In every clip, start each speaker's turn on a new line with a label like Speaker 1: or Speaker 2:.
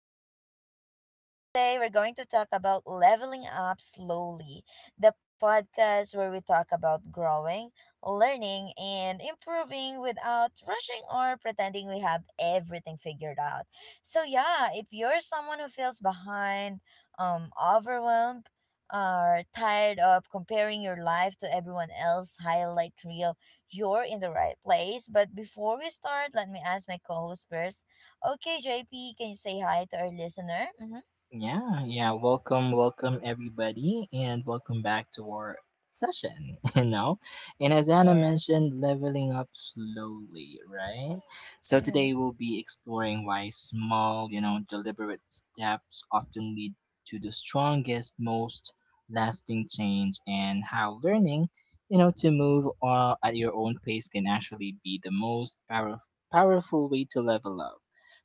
Speaker 1: JP. So, yes, today we're going to talk about leveling up slowly, the podcast where we talk about growing, learning, and improving without rushing or pretending we have everything figured out. So, yeah, if you're someone who feels behind, overwhelmed, or tired of comparing your life to everyone else highlight reel you're in the right place. But before we start, let me ask my co host first. Okay, JP, can you say hi to our listener? Mm-hmm.
Speaker 2: Yeah. Welcome everybody, and welcome back to our session. And as Anna
Speaker 1: Yes.
Speaker 2: mentioned, leveling up slowly, right? So
Speaker 1: Mm-hmm.
Speaker 2: today we'll be exploring why small, deliberate steps often lead to the strongest, most lasting change, and how learning, to move at your own pace can actually be the most powerful way to level up.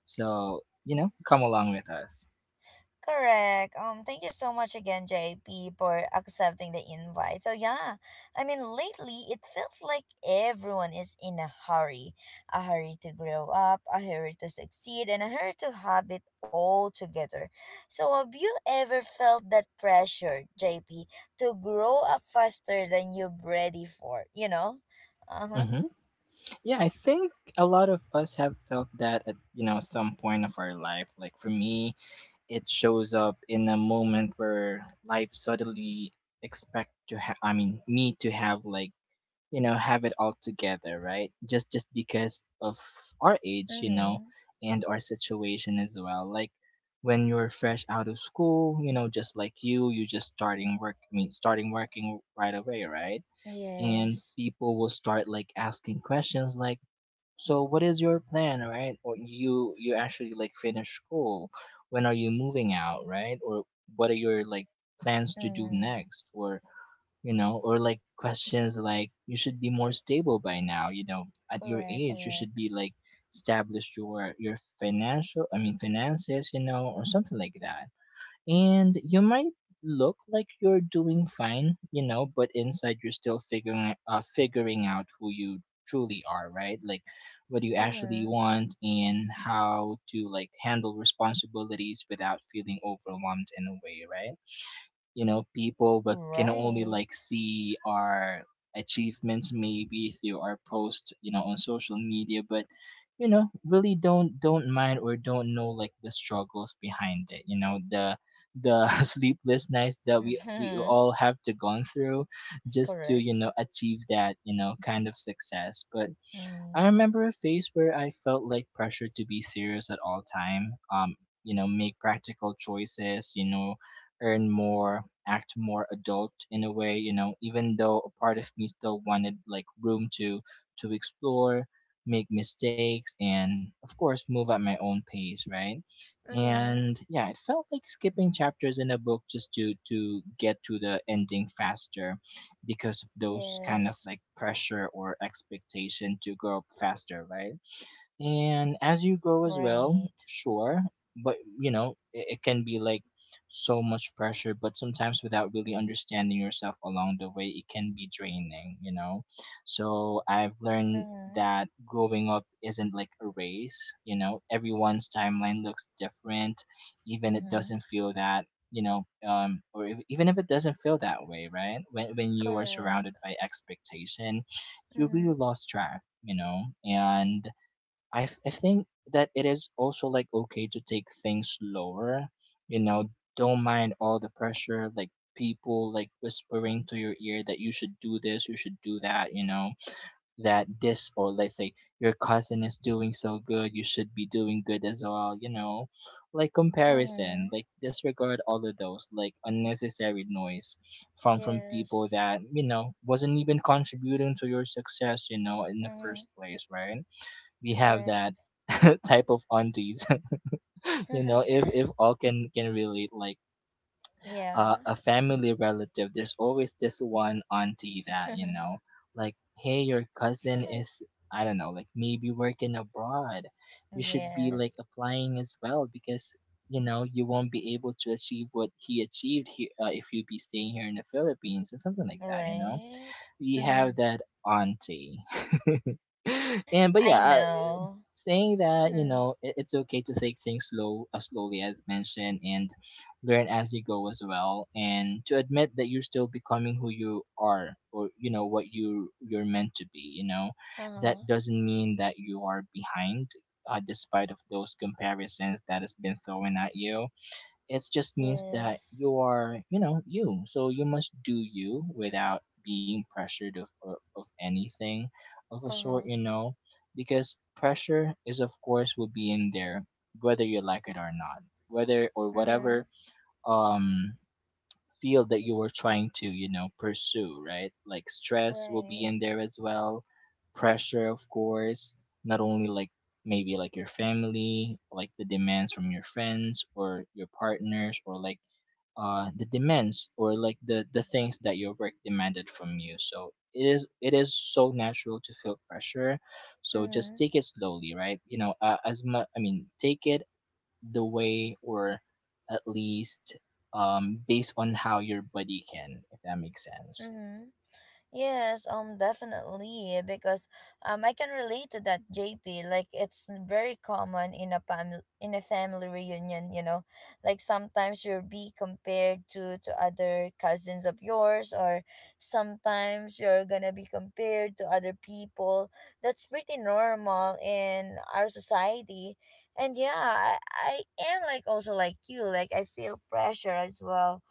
Speaker 2: So, come along with us.
Speaker 1: Correct. Thank you so much again, JP, for accepting the invite. So yeah, I mean, lately it feels like everyone is in a hurry to grow up, a hurry to succeed, and a hurry to have it all together. So have you ever felt that pressure, JP, to grow up faster than you're ready for? You know, uh huh.
Speaker 2: Mm-hmm. Yeah, I think a lot of us have felt that at some point of our life. Like for me, it shows up in a moment where life suddenly expect to have. I mean, me to have like have it all together, right, just because of our age, you know,
Speaker 1: Mm-hmm.
Speaker 2: and our situation as well, like when you're fresh out of school, you know, just like you just starting work. I mean starting working right away, right, and
Speaker 1: Yes.
Speaker 2: people will start like asking questions like, so what is your plan, right? Or you actually like finish school, when are you moving out, right? Or what are your like plans to do
Speaker 1: Mm-hmm.
Speaker 2: next? Or you know, or like questions like, you should be more stable by now, you know, at your
Speaker 1: Correct.
Speaker 2: age you should
Speaker 1: Correct.
Speaker 2: be like established your financial. I mean finances, you know, or something like that. And you might look like you're doing fine, you know, but inside you're still figuring out who you truly are, right? Like what you actually
Speaker 1: Mm-hmm.
Speaker 2: want and how to like handle responsibilities without feeling overwhelmed in a way, right? You know, people but can only like
Speaker 1: Right.
Speaker 2: see our achievements maybe through our post, you know, on social media, but you know, really don't mind or don't know like the struggles behind it, you know, the sleepless nights that we
Speaker 1: Mhm.
Speaker 2: all have to gone through just to you
Speaker 1: Correct.
Speaker 2: know achieve that, you know, kind of success. But I
Speaker 1: Mm.
Speaker 2: remember a phase where I felt like pressure to be serious at all time. You know, make practical choices. You know, earn more, act more adult in a way. You know, even though a part of me still wanted like room to explore, make mistakes, and of course move at my own pace. Right.
Speaker 1: Mm.
Speaker 2: And yeah, it felt like skipping chapters in a book just to get to the ending faster because of those kind of
Speaker 1: Yes.
Speaker 2: like pressure or expectation to grow up faster, right? And as you grow as well,
Speaker 1: Right.
Speaker 2: sure, but you know it, it can be like so much pressure, but sometimes without really understanding yourself along the way, it can be draining, you know. So I've learned
Speaker 1: Mm.
Speaker 2: that growing up isn't like a race, you know, everyone's timeline looks different, even it
Speaker 1: Mm.
Speaker 2: doesn't feel that, or if, even if it doesn't feel that way, right, when you are surrounded
Speaker 1: Correct.
Speaker 2: by expectation, you really
Speaker 1: Mm.
Speaker 2: lost track, you know. And I think that it is also like okay to take things slower. You know, don't mind all the pressure, like people like whispering to your ear that you should do this, you should do that, you know, that this, or let's say your cousin is doing so good, you should be doing good as well, you know. Like comparison,
Speaker 1: Mm.
Speaker 2: like disregard all of those like unnecessary noise from people
Speaker 1: Yes.
Speaker 2: that, you know, wasn't even contributing to your success, you know, in the first
Speaker 1: Mm.
Speaker 2: place, right? We have that
Speaker 1: Correct.
Speaker 2: type of aunties you know, if all can relate, like
Speaker 1: Yeah.
Speaker 2: a family relative, there's always this one auntie that, you know, like hey, your cousin is, I don't know, like maybe working abroad, you should be like
Speaker 1: Yes.
Speaker 2: applying as well because, you know, you won't be able to achieve what he achieved here, if you be staying here in the Philippines or something like that, you know.
Speaker 1: Right.
Speaker 2: We have
Speaker 1: Mm.
Speaker 2: that auntie. and but
Speaker 1: I
Speaker 2: yeah
Speaker 1: know.
Speaker 2: Saying that, you
Speaker 1: Mm.
Speaker 2: know, it, it's okay to take things slow, as slowly as mentioned, and learn as you go as well, and to admit that you're still becoming who you are, or you know what you're meant to be, you know. That
Speaker 1: Uh-huh.
Speaker 2: doesn't mean that you are behind, despite of those comparisons that has been thrown at you. It just means that
Speaker 1: Yes.
Speaker 2: you are, you know, you. So you must do you without being pressured of anything of a sort,
Speaker 1: Uh-huh.
Speaker 2: you know, because pressure is of course will be in there whether you like it or not, whether or whatever
Speaker 1: Mm.
Speaker 2: um field that you were trying to, you know, pursue, right? Like stress will be in
Speaker 1: Right.
Speaker 2: there as well, pressure of course, not only like maybe like your family, like the demands from your friends or your partners or like the demands or like the things that your work demanded from you. So it is so natural to feel pressure. So just
Speaker 1: Mm.
Speaker 2: take it slowly, right? You know, as much. I mean, take it the way or at least based on how your body can, if that makes sense.
Speaker 1: Mm. Yes, definitely because I can relate to that, JP. Like it's very common in a family reunion. You know, like sometimes you'll be compared to other cousins of yours, or sometimes you're gonna be compared to other people. That's pretty normal in our society, and yeah, I am like also like you. Like I feel pressure as well,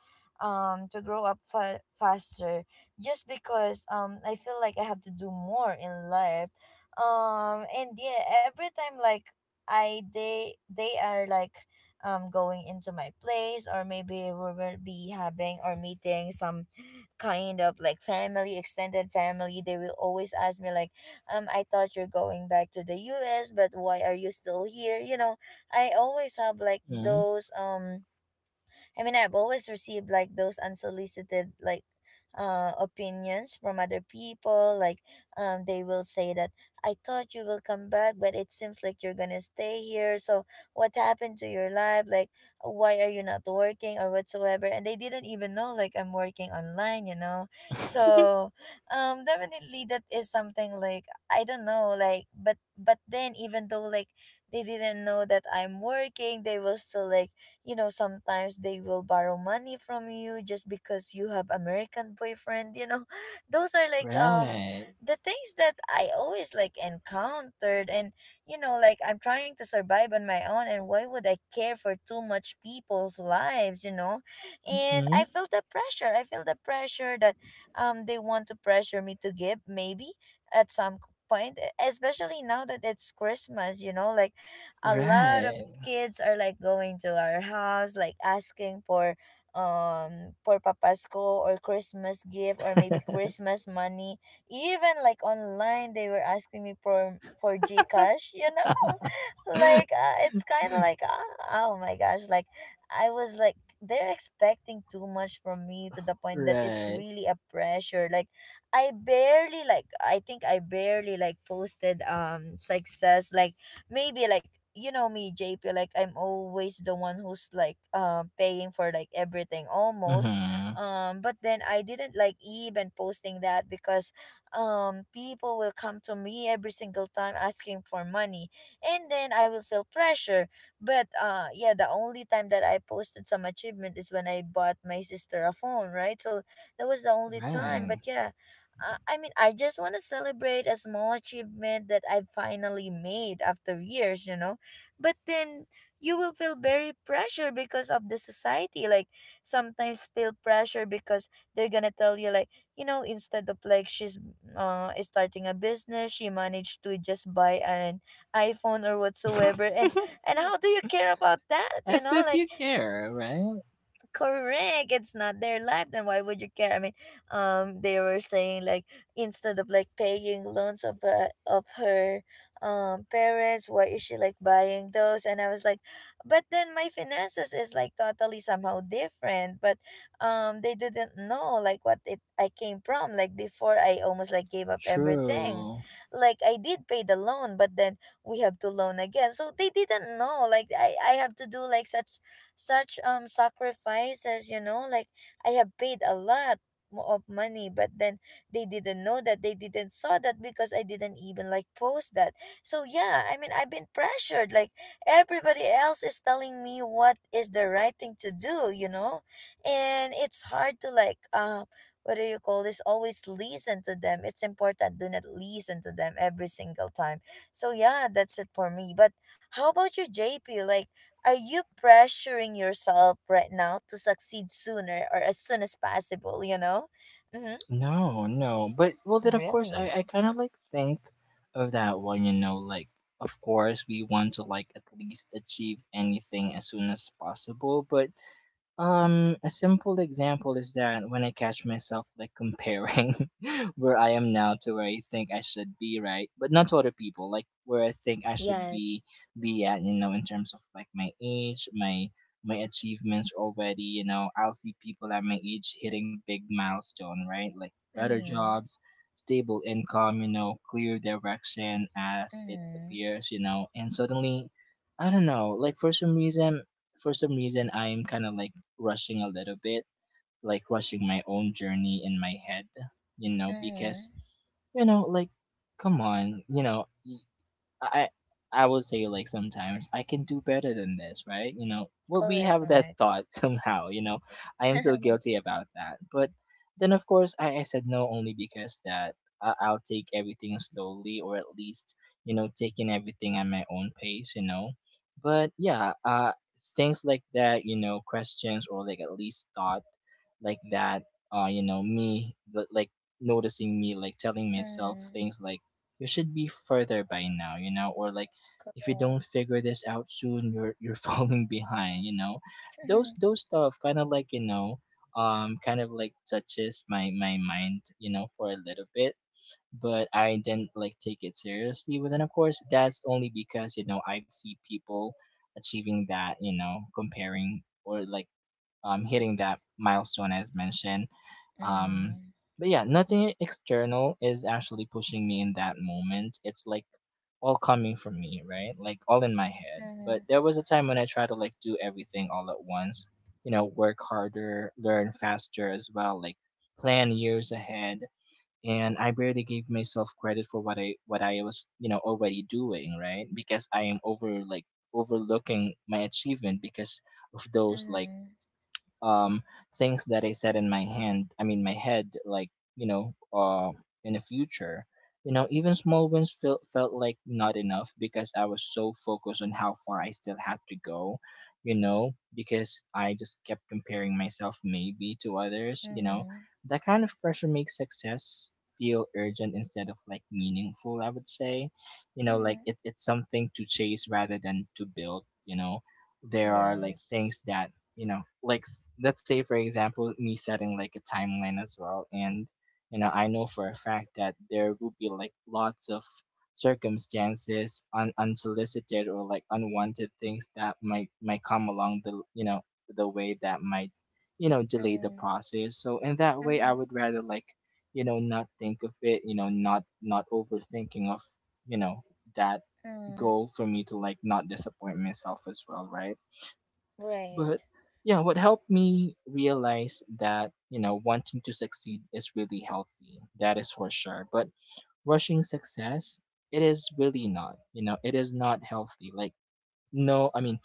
Speaker 1: to grow up faster just because I feel like I have to do more in life. And yeah, every time like I they are like going into my place or maybe we will be having or meeting some kind of like family extended family they will always ask me like I thought you're going back to the US but why are you still here you know I always have like
Speaker 2: Mm.
Speaker 1: those I mean, I've always received like those unsolicited like opinions from other people like they will say that I thought you will come back but it seems like you're going to stay here so what happened to your life like why are you not working or whatsoever and they didn't even know like I'm working online you know so definitely that is something like I don't know like but then even though like they didn't know that I'm working they will still like you know sometimes they will borrow money from you just because you have American boyfriend you know those are like
Speaker 2: Right.
Speaker 1: the things that I always like encountered and you know like I'm trying to survive on my own and why would I care for too much people's lives you know and
Speaker 2: Hmm.
Speaker 1: I feel the pressure I feel the pressure that they want to pressure me to give maybe at some point especially now that it's Christmas you know like a lot of
Speaker 2: Right.
Speaker 1: kids are like going to our house like asking for papasko or Christmas gift or maybe Christmas money even like online they were asking me for GCash you know like it's kind of like ah oh my gosh like I was like they're expecting too much from me to the point that it's
Speaker 2: Right.
Speaker 1: really a pressure like I barely like I think I barely like posted success like maybe like you know me JP like I'm always the one who's like paying for like everything almost
Speaker 2: Hmm.
Speaker 1: but then I didn't like even posting that because people will come to me every single time asking for money and then I will feel pressure but yeah the only time that I posted some achievement is when I bought my sister a phone right so that was the only time but
Speaker 2: Right.
Speaker 1: yeah I mean, I just want to celebrate a small achievement that I finally made after years, you know. But then you will feel very pressure because of the society. Like sometimes feel pressure because they're gonna tell you like, you know, instead of like she's is starting a business, she managed to just buy an iPhone or whatsoever. And how do you care about that? You
Speaker 2: As
Speaker 1: know,
Speaker 2: if
Speaker 1: like
Speaker 2: you care, right?
Speaker 1: correct it's not their life then why would you care I mean they were saying like instead of like paying loans of her parents why is she like buying those and I was like but then my finances is like totally somehow different but they didn't know like what it I came from like before I almost like gave up everything
Speaker 2: True.
Speaker 1: like I did pay the loan but then we have to loan again so they didn't know like I have to do like such sacrifices you know like I have paid a lot of money but then they didn't know that they didn't saw that because I didn't even like post that so yeah I mean I've been pressured like everybody else is telling me what is the right thing to do you know and it's hard to like what do you call this always listen to them it's important do not listen to them every single time so yeah that's it for me but how about you JP like are you pressuring yourself right now to succeed sooner or as soon as possible, you know? Mm-hmm.
Speaker 2: No, no. But well then of course I,
Speaker 1: Really?
Speaker 2: I kinda like think of that one, you know, like of course we want to like at least achieve anything as soon as possible, but a simple example is that when I catch myself like comparing where I am now to where I think I should be, right? But not to other people, like where I think I should
Speaker 1: Yes.
Speaker 2: be at, you know, in terms of like my age, my achievements already, you know, I'll see people at my age hitting big milestone, right? Like better
Speaker 1: Mm-hmm.
Speaker 2: jobs, stable income, you know, clear direction as it
Speaker 1: Mm-hmm.
Speaker 2: appears, you know, and suddenly I don't know, like for some reason for some reason, I am kind of like rushing a little bit, like rushing my own journey in my head, you know, because
Speaker 1: Mm-hmm.
Speaker 2: you know, like, come on, you know, I I would say like sometimes I can do better than this, right? You know, well we
Speaker 1: Correct,
Speaker 2: have that
Speaker 1: correct.
Speaker 2: thought somehow, you know. I am so guilty about that. But then of course I said no only because that I'll take everything slowly, or at least, you know, taking everything at my own pace, you know. But yeah, things like that, you know, questions or like at least thought like that, you know, like noticing me like telling myself
Speaker 1: Mm-hmm.
Speaker 2: things like you should be further by now, you know, or like if you don't
Speaker 1: Correct.
Speaker 2: figure this out soon, you're falling behind, you know. Those those stuff kind of like, you know, kind of like touches my my mind, you know, for a little bit, but I didn't like take it seriously. But then of course, that's only because, you know, I've seen people achieving that, you know, comparing, or like hitting that milestone as mentioned, um,
Speaker 1: Mm-hmm.
Speaker 2: but yeah, nothing external is actually pushing me in that moment. It's like all coming from me, right? Like all in my head.
Speaker 1: Mm-hmm.
Speaker 2: But there was a time when I tried to like do everything all at once, you know, work harder, learn faster as well, like plan years ahead. And I barely gave myself credit for what I was, you know, already doing, right? Because I am overlooking my achievement because of those like
Speaker 1: Mm-hmm.
Speaker 2: um things that I said in my hand. I mean my head, like you know, in the future. You know, even small wins felt like not enough because I was so focused on how far I still had to go. You know, because I just kept comparing myself maybe to others. You know,
Speaker 1: Mm-hmm.
Speaker 2: that kind of pressure makes success feel urgent instead of like meaningful. I would say, you know, like
Speaker 1: Mm-hmm.
Speaker 2: it, it's something to chase rather than to build. You know, there are like things
Speaker 1: Yes.
Speaker 2: that, you know, like let's say for example, me setting like a timeline as well, and you know, I know for a fact that there will be like lots of unsolicited or like unwanted things that might come along the, you know, the way that might, you know, delay the
Speaker 1: Mm-hmm.
Speaker 2: process. So in that way I
Speaker 1: Mm-hmm.
Speaker 2: would rather like, you know, not think of it, you know, not overthinking of, you know, that goal
Speaker 1: Mm-hmm.
Speaker 2: for me to like not disappoint myself as well, right?
Speaker 1: Right.
Speaker 2: But yeah, what helped me realize that, you know, wanting to succeed is really healthy. That is for sure. But rushing success, it is really not. You know, it is not healthy. Like no, I mean,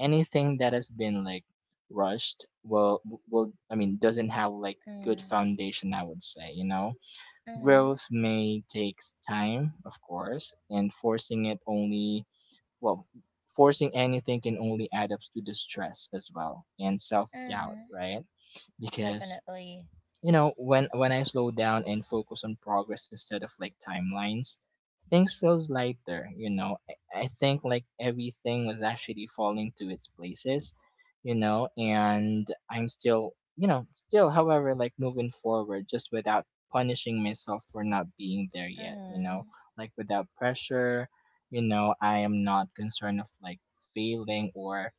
Speaker 2: anything that has been like rushed will I mean doesn't have like good
Speaker 1: Mm-hmm.
Speaker 2: foundation, I would say, you know.
Speaker 1: Mm-hmm.
Speaker 2: Growth may takes time, of course, and forcing it only well, forcing anything can only add up to the stress as well and self doubt,
Speaker 1: Mm-hmm.
Speaker 2: right? Because
Speaker 1: Definitely.
Speaker 2: you know when I slow down and focus on progress instead of like timelines things feels lighter you know I think like everything was actually falling to its places you know and I'm still you know still however like moving forward just without punishing myself for not being there yet you know
Speaker 1: Mm-hmm.
Speaker 2: like without pressure. You know, I am not concerned of like failing or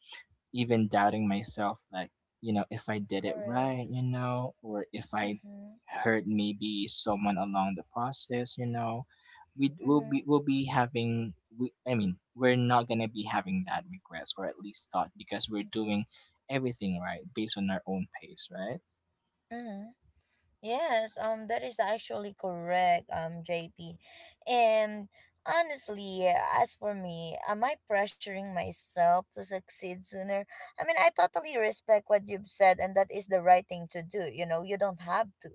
Speaker 2: even doubting myself, like, you know, if I did it
Speaker 1: Correct.
Speaker 2: right, you know, or if I
Speaker 1: Mm-hmm.
Speaker 2: hurt maybe someone along the process, you know,
Speaker 1: Mm-hmm.
Speaker 2: we'll be having we I mean, we're not gonna be having that regrets or at least thought because we're doing everything right based on our own pace, right?
Speaker 1: Mm-hmm. Yes, that is actually correct, JP. And honestly, as for me, am I pressuring myself to succeed sooner? I mean, I totally respect what you've said, and that is the right thing to do. You know, you don't have to.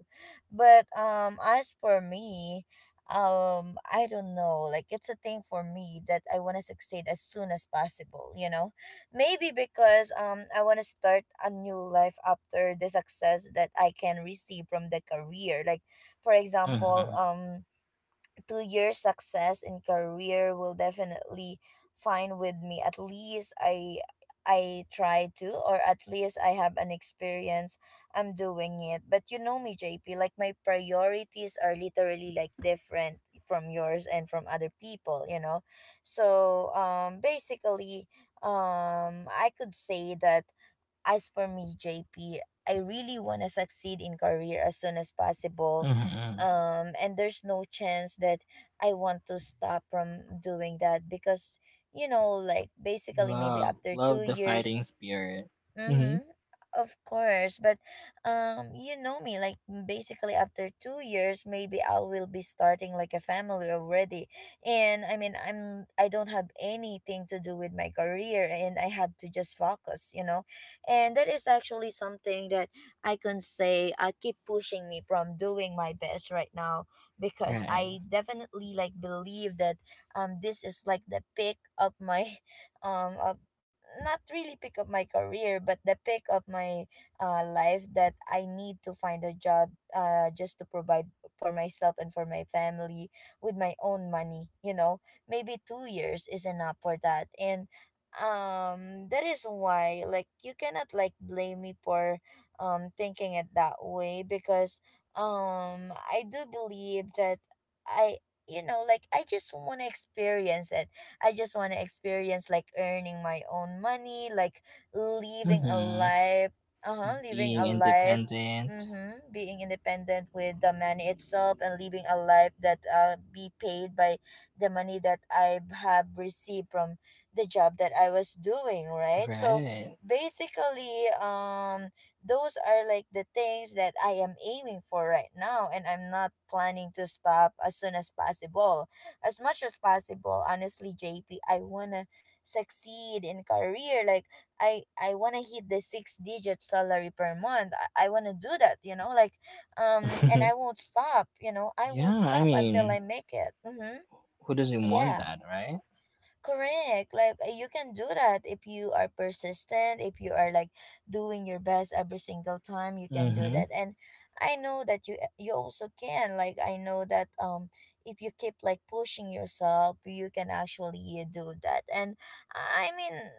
Speaker 1: But as for me, I don't know. Like, it's a thing for me that I want to succeed as soon as possible. You know, maybe because I want to start a new life after the success that I can receive from the career. Like for example,
Speaker 2: Mm-hmm.
Speaker 1: 2 year success in career will definitely fine with me at least I try to or at least I have an experience I'm doing it but you know me JP like my priorities are literally like different from yours and from other people you know so basically I could say that as for me, JP, I really want to succeed in career as soon as possible.
Speaker 2: Mm-hmm.
Speaker 1: And there's no chance that I want to stop from doing that because, you know, like basically maybe
Speaker 2: Love,
Speaker 1: after two
Speaker 2: love the fighting
Speaker 1: years
Speaker 2: spirit. Mm-hmm.
Speaker 1: Mm-hmm. Of course, but you know me. Like basically, after 2 years, maybe I will be starting like a family already. And I mean, I don't have anything to do with my career, and I have to just focus, you know. And that is actually something that I can say I keep pushing me from doing my best right now because
Speaker 2: Right.
Speaker 1: I definitely like believe that this is like the peak of my of not really pick up my career but the pick up my life that I need to find a job just to provide for myself and for my family with my own money you know maybe 2 years is enough for that and that is why like you cannot like blame me for thinking it that way because I do believe that I you know like I just want to experience it. I just want to experience like earning my own money, like living a
Speaker 2: Mm-hmm.
Speaker 1: life, uh-huh, living
Speaker 2: Being
Speaker 1: a life.
Speaker 2: independent.
Speaker 1: Mm-hmm. Being independent with the money itself and living a life that be paid by the money that I have received from the job that I was doing, right? So
Speaker 2: Right.
Speaker 1: basically, those are like the things that I am aiming for right now, and I'm not planning to stop as soon as possible as much as possible honestly JP I want to succeed in career like I want to hit the six digit salary per month I want to do that you know like and I won't stop you know I won't
Speaker 2: Yeah, I
Speaker 1: stop until
Speaker 2: mean,
Speaker 1: I make it. Mm-hmm.
Speaker 2: who doesn't want
Speaker 1: Yeah.
Speaker 2: that, right?
Speaker 1: Correct. Like you can do that if you are persistent, if you are like doing your best every single time, you can do
Speaker 2: Mm-hmm.
Speaker 1: that. And I know that you you also can. Like I know that if you keep like pushing yourself, you can actually do that. And I mean,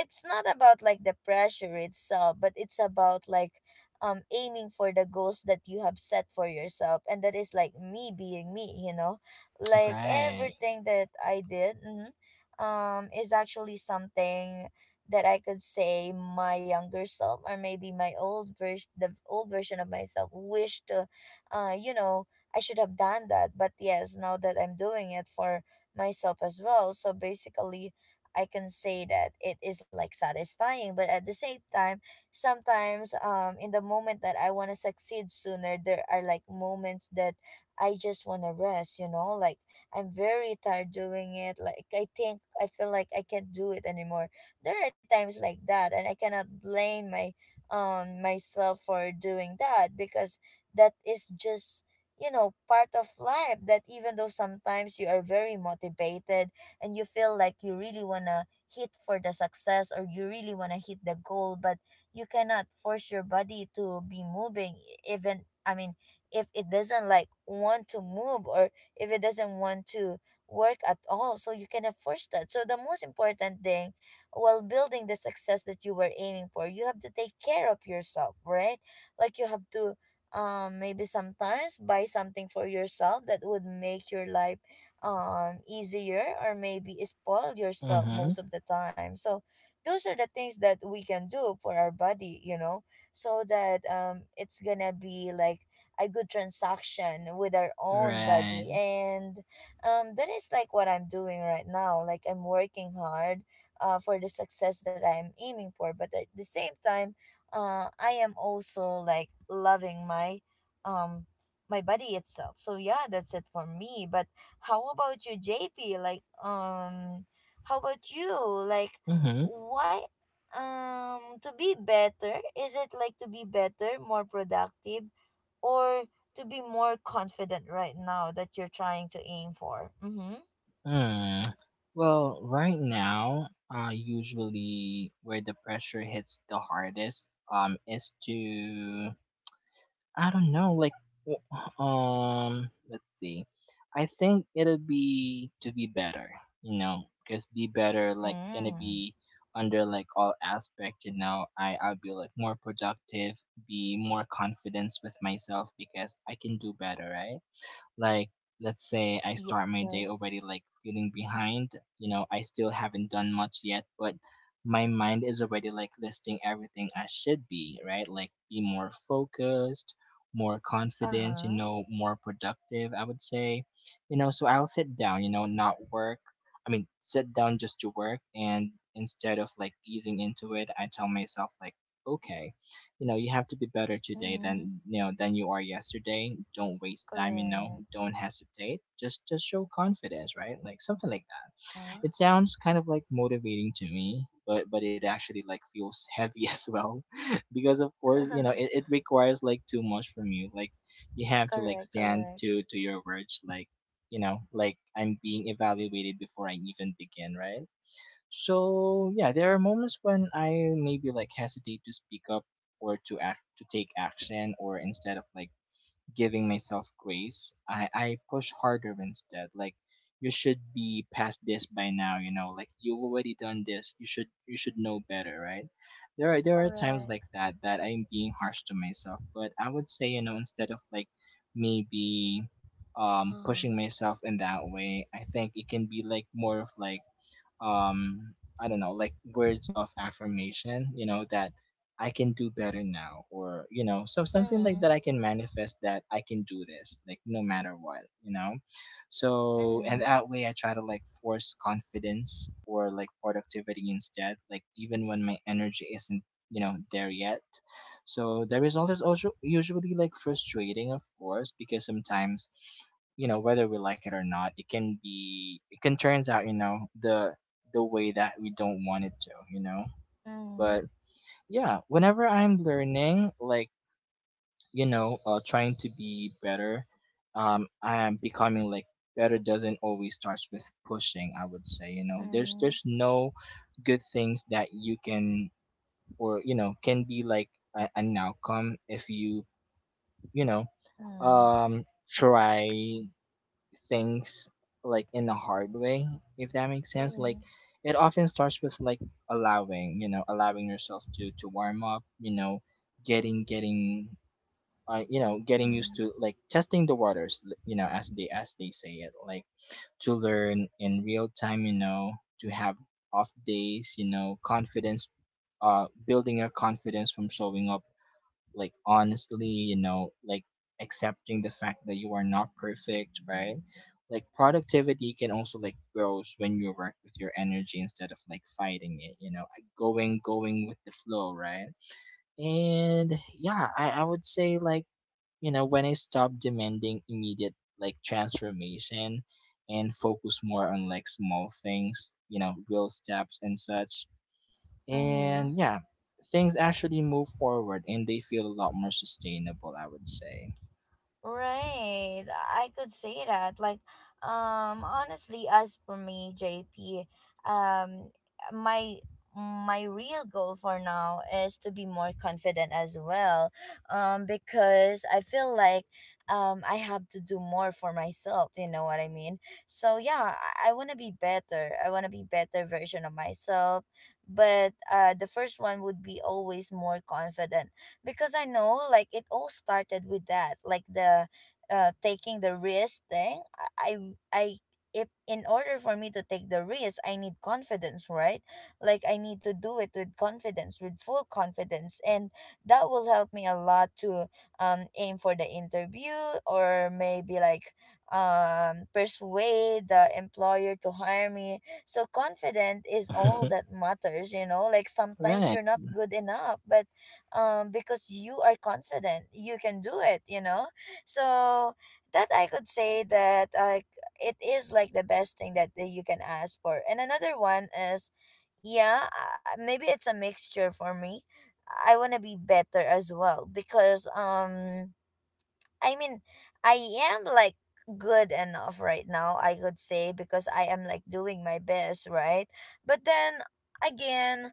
Speaker 1: it's not about like the pressure itself, but it's about like aiming for the goals that you have set for yourself and that is like me being me, you know? Like
Speaker 2: Right.
Speaker 1: everything that I did. mhm, um is actually something that I could say my younger self or maybe my old version the old version of myself wished to uh you know I should have done that. But yes, now that I'm doing it for myself as well, so basically I can say that it is like satisfying, but at the same time sometimes in the moment that I want to succeed sooner, there are like moments that I just want to rest, like I'm very tired doing it. Like I think I feel like I can't do it anymore. There are times like that, and I cannot blame my myself for doing that because that is just part of life that even though sometimes you are very motivated and you feel like you really want to hit for the success or you really want to hit the goal, but you cannot force your body to be moving even, I mean, if it doesn't like want to move or if it doesn't want to work at all. So you cannot force that. So the most important thing while building the success that you were aiming for, you have to take care of yourself, right? Like you have to maybe sometimes buy something for yourself that would make your life easier, or maybe spoil yourself
Speaker 2: Mm-hmm.
Speaker 1: most of the time. So those are the things that we can do for our body, you know, so that it's gonna be like a good transaction with our own body.
Speaker 2: Right.
Speaker 1: And that is like what I'm doing right now. Like I'm working hard, for the success that I'm aiming for, but at the same time I am also like loving my um my body itself. So yeah, that's it for me. But how about you, JP? Like, how about you? Like,
Speaker 2: Mm-hmm.
Speaker 1: why, to be better? Is it like to be better, more productive, or to be more confident right now that you're trying to aim for? Mm-hmm.
Speaker 2: Mm. Well, right now, usually where the pressure hits the hardest, is to I don't know, like, w- let's see. I think it'll be to be better, you know, because be better, like, gonna
Speaker 1: Mm.
Speaker 2: be under like all aspect, you know. I'll be like more productive, be more confidence with myself because I can do better, right? Like, let's say I start my day already
Speaker 1: Yes.
Speaker 2: like feeling behind, you know, I still haven't done much yet, but my mind is already like listing everything I should be, right? Like, be more focused, more confident, you
Speaker 1: Uh-huh.
Speaker 2: know, more productive, I would say. You know, so I'll sit down, you know, not work. I mean, sit down just to work. And instead of like easing into it, I tell myself, like, okay, you know, you have to be better today
Speaker 1: Mm.
Speaker 2: than you know than you are yesterday. Don't waste time, you know,
Speaker 1: Correct.
Speaker 2: don't hesitate, just show confidence, right? Like something like that.
Speaker 1: Uh-huh.
Speaker 2: It sounds kind of like motivating to me, but it actually like feels heavy as well. Because of course you know it requires like too much from you. Like you have to like
Speaker 1: Correct,
Speaker 2: stand
Speaker 1: correct.
Speaker 2: to your words, like you know, like I'm being evaluated before I even begin, right? So yeah, there are moments when I maybe like hesitate to speak up or to act to take action, or instead of like giving myself grace, I push harder instead. Like you should be past this by now, you know, like you've already done this. You should know better, right? There are times like
Speaker 1: Correct.
Speaker 2: that that I'm being harsh to myself, but I would say, you know, instead of like maybe
Speaker 1: Uh-huh.
Speaker 2: pushing myself in that way, I think it can be like more of like um I don't know, like words of affirmation, you know, that I can do better now, or you know so something like that.
Speaker 1: Mm.
Speaker 2: I can manifest that I can do this like no matter what, you know. So and
Speaker 1: Mm.
Speaker 2: that way I try to like force confidence or like productivity instead, like even when my energy isn't you know there yet. So the result is also usually like frustrating, of course, because sometimes you know whether we like it or not, it can turns out you know the way that we don't want it to, you know?
Speaker 1: Mm.
Speaker 2: But yeah, whenever I'm learning, like, you know, trying to be better, I am becoming like better doesn't always starts with pushing, I would say, you know.
Speaker 1: Mm.
Speaker 2: There's no good things that you can or, you know, can be like an outcome if you, you know,
Speaker 1: Mm.
Speaker 2: um try things like in a hard way, if that makes sense. Like
Speaker 1: Mm.
Speaker 2: it often starts with like allowing, you know, allowing yourself to warm up, you know, getting you know, getting used
Speaker 1: Mm.
Speaker 2: to like testing the waters, you know, as they say it, like to learn in real time, you know, to have off days, you know, confidence building your confidence from showing up, like honestly, you know, like accepting the fact that you are not perfect, right? Like productivity can also like grows when you work with your energy instead of like fighting it, you know, like, going with the flow, right? And yeah, I would say like you know when I stop demanding immediate like transformation and focus more on like small things, you know, real steps and such.
Speaker 1: Mm.
Speaker 2: And yeah, things actually move forward and they feel a lot more sustainable, I would say.
Speaker 1: Right, I could say that. Like, honestly, as for me, JP, um, my my real goal for now is to be more confident as well, because I feel like I have to do more for myself. You know what I mean? So yeah, I want to be better. I want to be better version of myself, but the first one would be always more confident because I know like it all started with that, like the taking the risk thing. If in order for me to take the risk, I need confidence, right? Like I need to do it with confidence, with full confidence, and that will help me a lot to aim for the interview or maybe like persuade the employer to hire me. So confident is all that matters, you know, like sometimes
Speaker 2: Right,
Speaker 1: you're not good enough, but because you are confident, you can do it, you know. So that I could say that it is like the best thing that you can ask for. And another one is, yeah, maybe it's a mixture for me. I want to be better as well because I mean, I am like good enough right now, I could say, because I am like doing my best, right? But then again,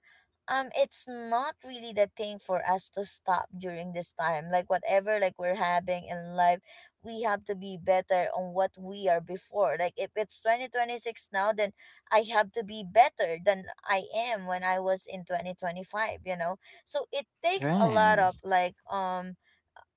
Speaker 1: it's not really the thing for us to stop during this time. Like whatever like we're having in life, we have to be better on what we are before. Like if it's 2026 now, then I have to be better than I am when I was in 2025, you know? So it takes a lot
Speaker 2: right.
Speaker 1: of like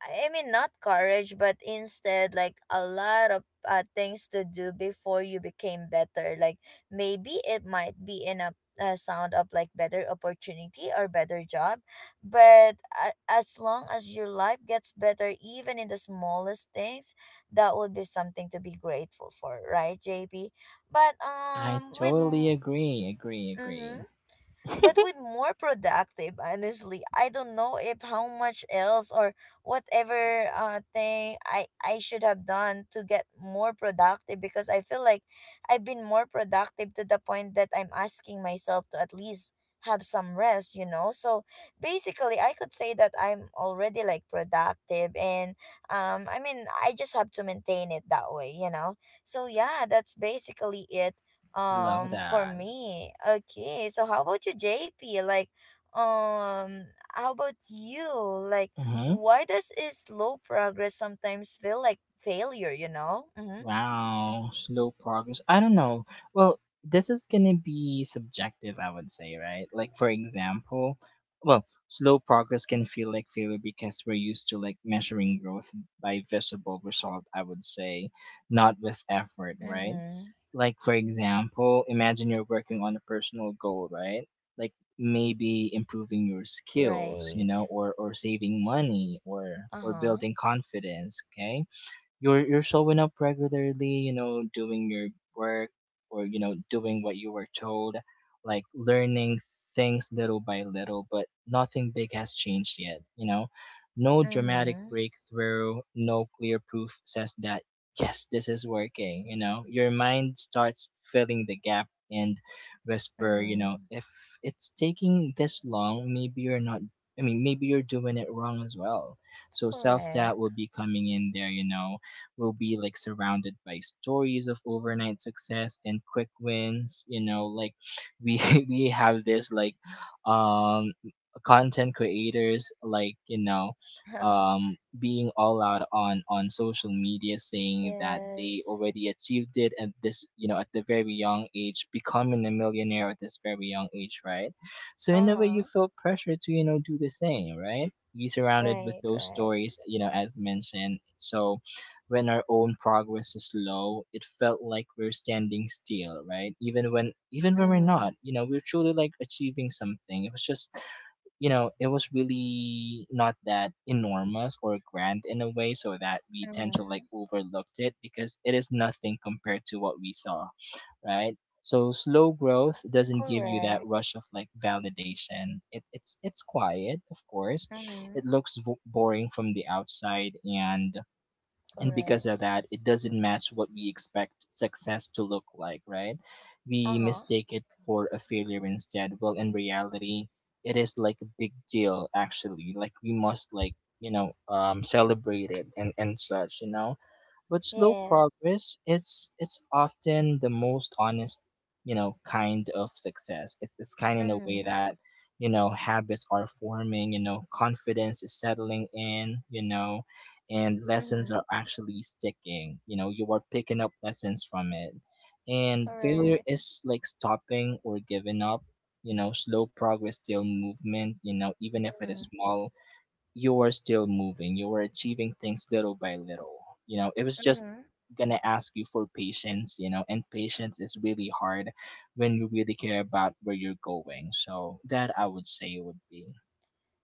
Speaker 1: I mean, not courage, but instead, like a lot of things to do before you became better. Like maybe it might be in a sound of like better opportunity or better job, but a as long as your life gets better, even in the smallest things, that would be something to be grateful for, right, JP? But
Speaker 2: I
Speaker 1: with
Speaker 2: totally agree, agree, agree.
Speaker 1: Mm-hmm. But with more productive, honestly, I don't know if how much else or whatever thing I should have done to get more productive because I feel like I've been more productive to the point that I'm asking myself to at least have some rest, you know. So basically I could say that I'm already like productive, and I mean, I just have to maintain it that way, you know. So yeah, that's basically it
Speaker 2: Love
Speaker 1: for
Speaker 2: that.
Speaker 1: me. Okay, so how about you, JP? Like, um how about you? Like,
Speaker 2: Hmm.
Speaker 1: why does is slow progress sometimes feel like failure, you know? Mm-hmm.
Speaker 2: Wow, slow progress. I don't know. Well, this is gonna be subjective, I would say, right? Like, for example, well, slow progress can feel like failure because we're used to like measuring growth by visible result, I would say, not with effort, right?
Speaker 1: Mm-hmm.
Speaker 2: Like, for example, imagine you're working on a personal goal, right? Like maybe improving your skills, you know,
Speaker 1: Right.
Speaker 2: or saving money or
Speaker 1: Uh-huh.
Speaker 2: building confidence, okay? You're showing up regularly, you know, doing your work, or you know doing what you were told, like learning things little by little, but nothing big has changed yet, you know, no dramatic
Speaker 1: Mm-hmm.
Speaker 2: breakthrough, no clear proof says that yes this is working. You know, your mind starts filling the gap and whisper, you know,
Speaker 1: Mm-hmm.
Speaker 2: if it's taking this long maybe you're not. I mean, maybe you're doing it wrong as well. So self doubt will
Speaker 1: Correct.
Speaker 2: be coming in there, you know, will be like surrounded by stories of overnight success and quick wins, you know. Like we we have this like um content creators like you know being all out on social media saying that they
Speaker 1: Yes.
Speaker 2: already achieved it at this you know at the very young age, becoming a millionaire at this very young age, right? So in a way you
Speaker 1: Uh-huh.
Speaker 2: feel pressure to you know do the same, right? Be surrounded with
Speaker 1: Right,
Speaker 2: those
Speaker 1: right.
Speaker 2: stories, you know, as mentioned. So when our own progress is slow, it felt like we're standing still, right? Even when we're
Speaker 1: Mm-hmm.
Speaker 2: not, you know, we're truly like achieving something. It was just, you know, it was really not that enormous or grand in a way, so that we tend to like
Speaker 1: Mm-hmm.
Speaker 2: overlooked it because it is nothing compared to what we saw, right? So slow growth doesn't give you that
Speaker 1: Correct.
Speaker 2: rush of like validation. It's quiet, of course. It
Speaker 1: Mm-hmm.
Speaker 2: looks boring from the outside, and because of
Speaker 1: Correct.
Speaker 2: that it doesn't match what we expect success to look like, right? We
Speaker 1: Uh-huh.
Speaker 2: mistake it for a failure instead. Well in reality it is like a big deal actually. Like we must like you know celebrate it and such, you know. But slow
Speaker 1: Yes.
Speaker 2: progress, it's often the most honest, you know, kind of success. It's kind in a way
Speaker 1: Mm-hmm.
Speaker 2: that, you know, habits are forming, you know, confidence is settling in, you know, and lessons are
Speaker 1: Mm-hmm.
Speaker 2: actually sticking. You know, you are picking up lessons from it. And failure
Speaker 1: Correct.
Speaker 2: is like stopping or giving up, you know. Slow progress, still movement, you know, even if it
Speaker 1: Mm.
Speaker 2: is small, you were still moving, you were achieving things little by little. You know, it was just
Speaker 1: Mm-hmm.
Speaker 2: gonna ask you for patience, you know, and patience is really hard when you really care about where you're going. So that I would say would be.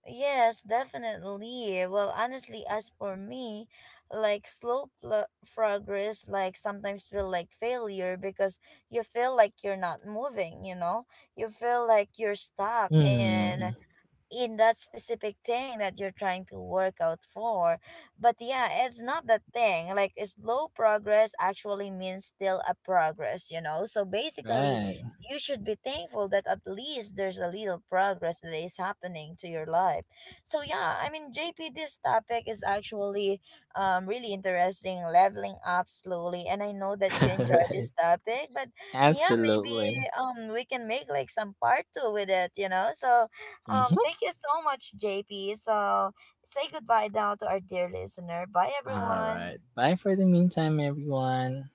Speaker 1: Yes, definitely. Well, honestly, as for me, like slow progress, like sometimes feel like failure because you feel like you're not moving, you know? You feel like you're stuck and
Speaker 2: Hmm.
Speaker 1: in that specific thing that you're trying to work out for. But yeah, it's not that thing. Like it's slow progress actually means still a progress, you know? So basically,
Speaker 2: Right.
Speaker 1: you should be thankful that at least there's a little progress that is happening to your life. So yeah, I mean, JP, this topic is actually really interesting, leveling up slowly, and I know that you enjoy
Speaker 2: right.
Speaker 1: this topic, but yeah, maybe
Speaker 2: Absolutely.
Speaker 1: we can make like some part 2 with it, you know? So
Speaker 2: Mm-hmm.
Speaker 1: thank you so much, JP. So say goodbye now to our dear listener. Bye,
Speaker 2: All
Speaker 1: everyone.
Speaker 2: right. Bye for the meantime, everyone.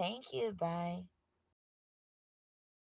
Speaker 1: Thank you. Bye.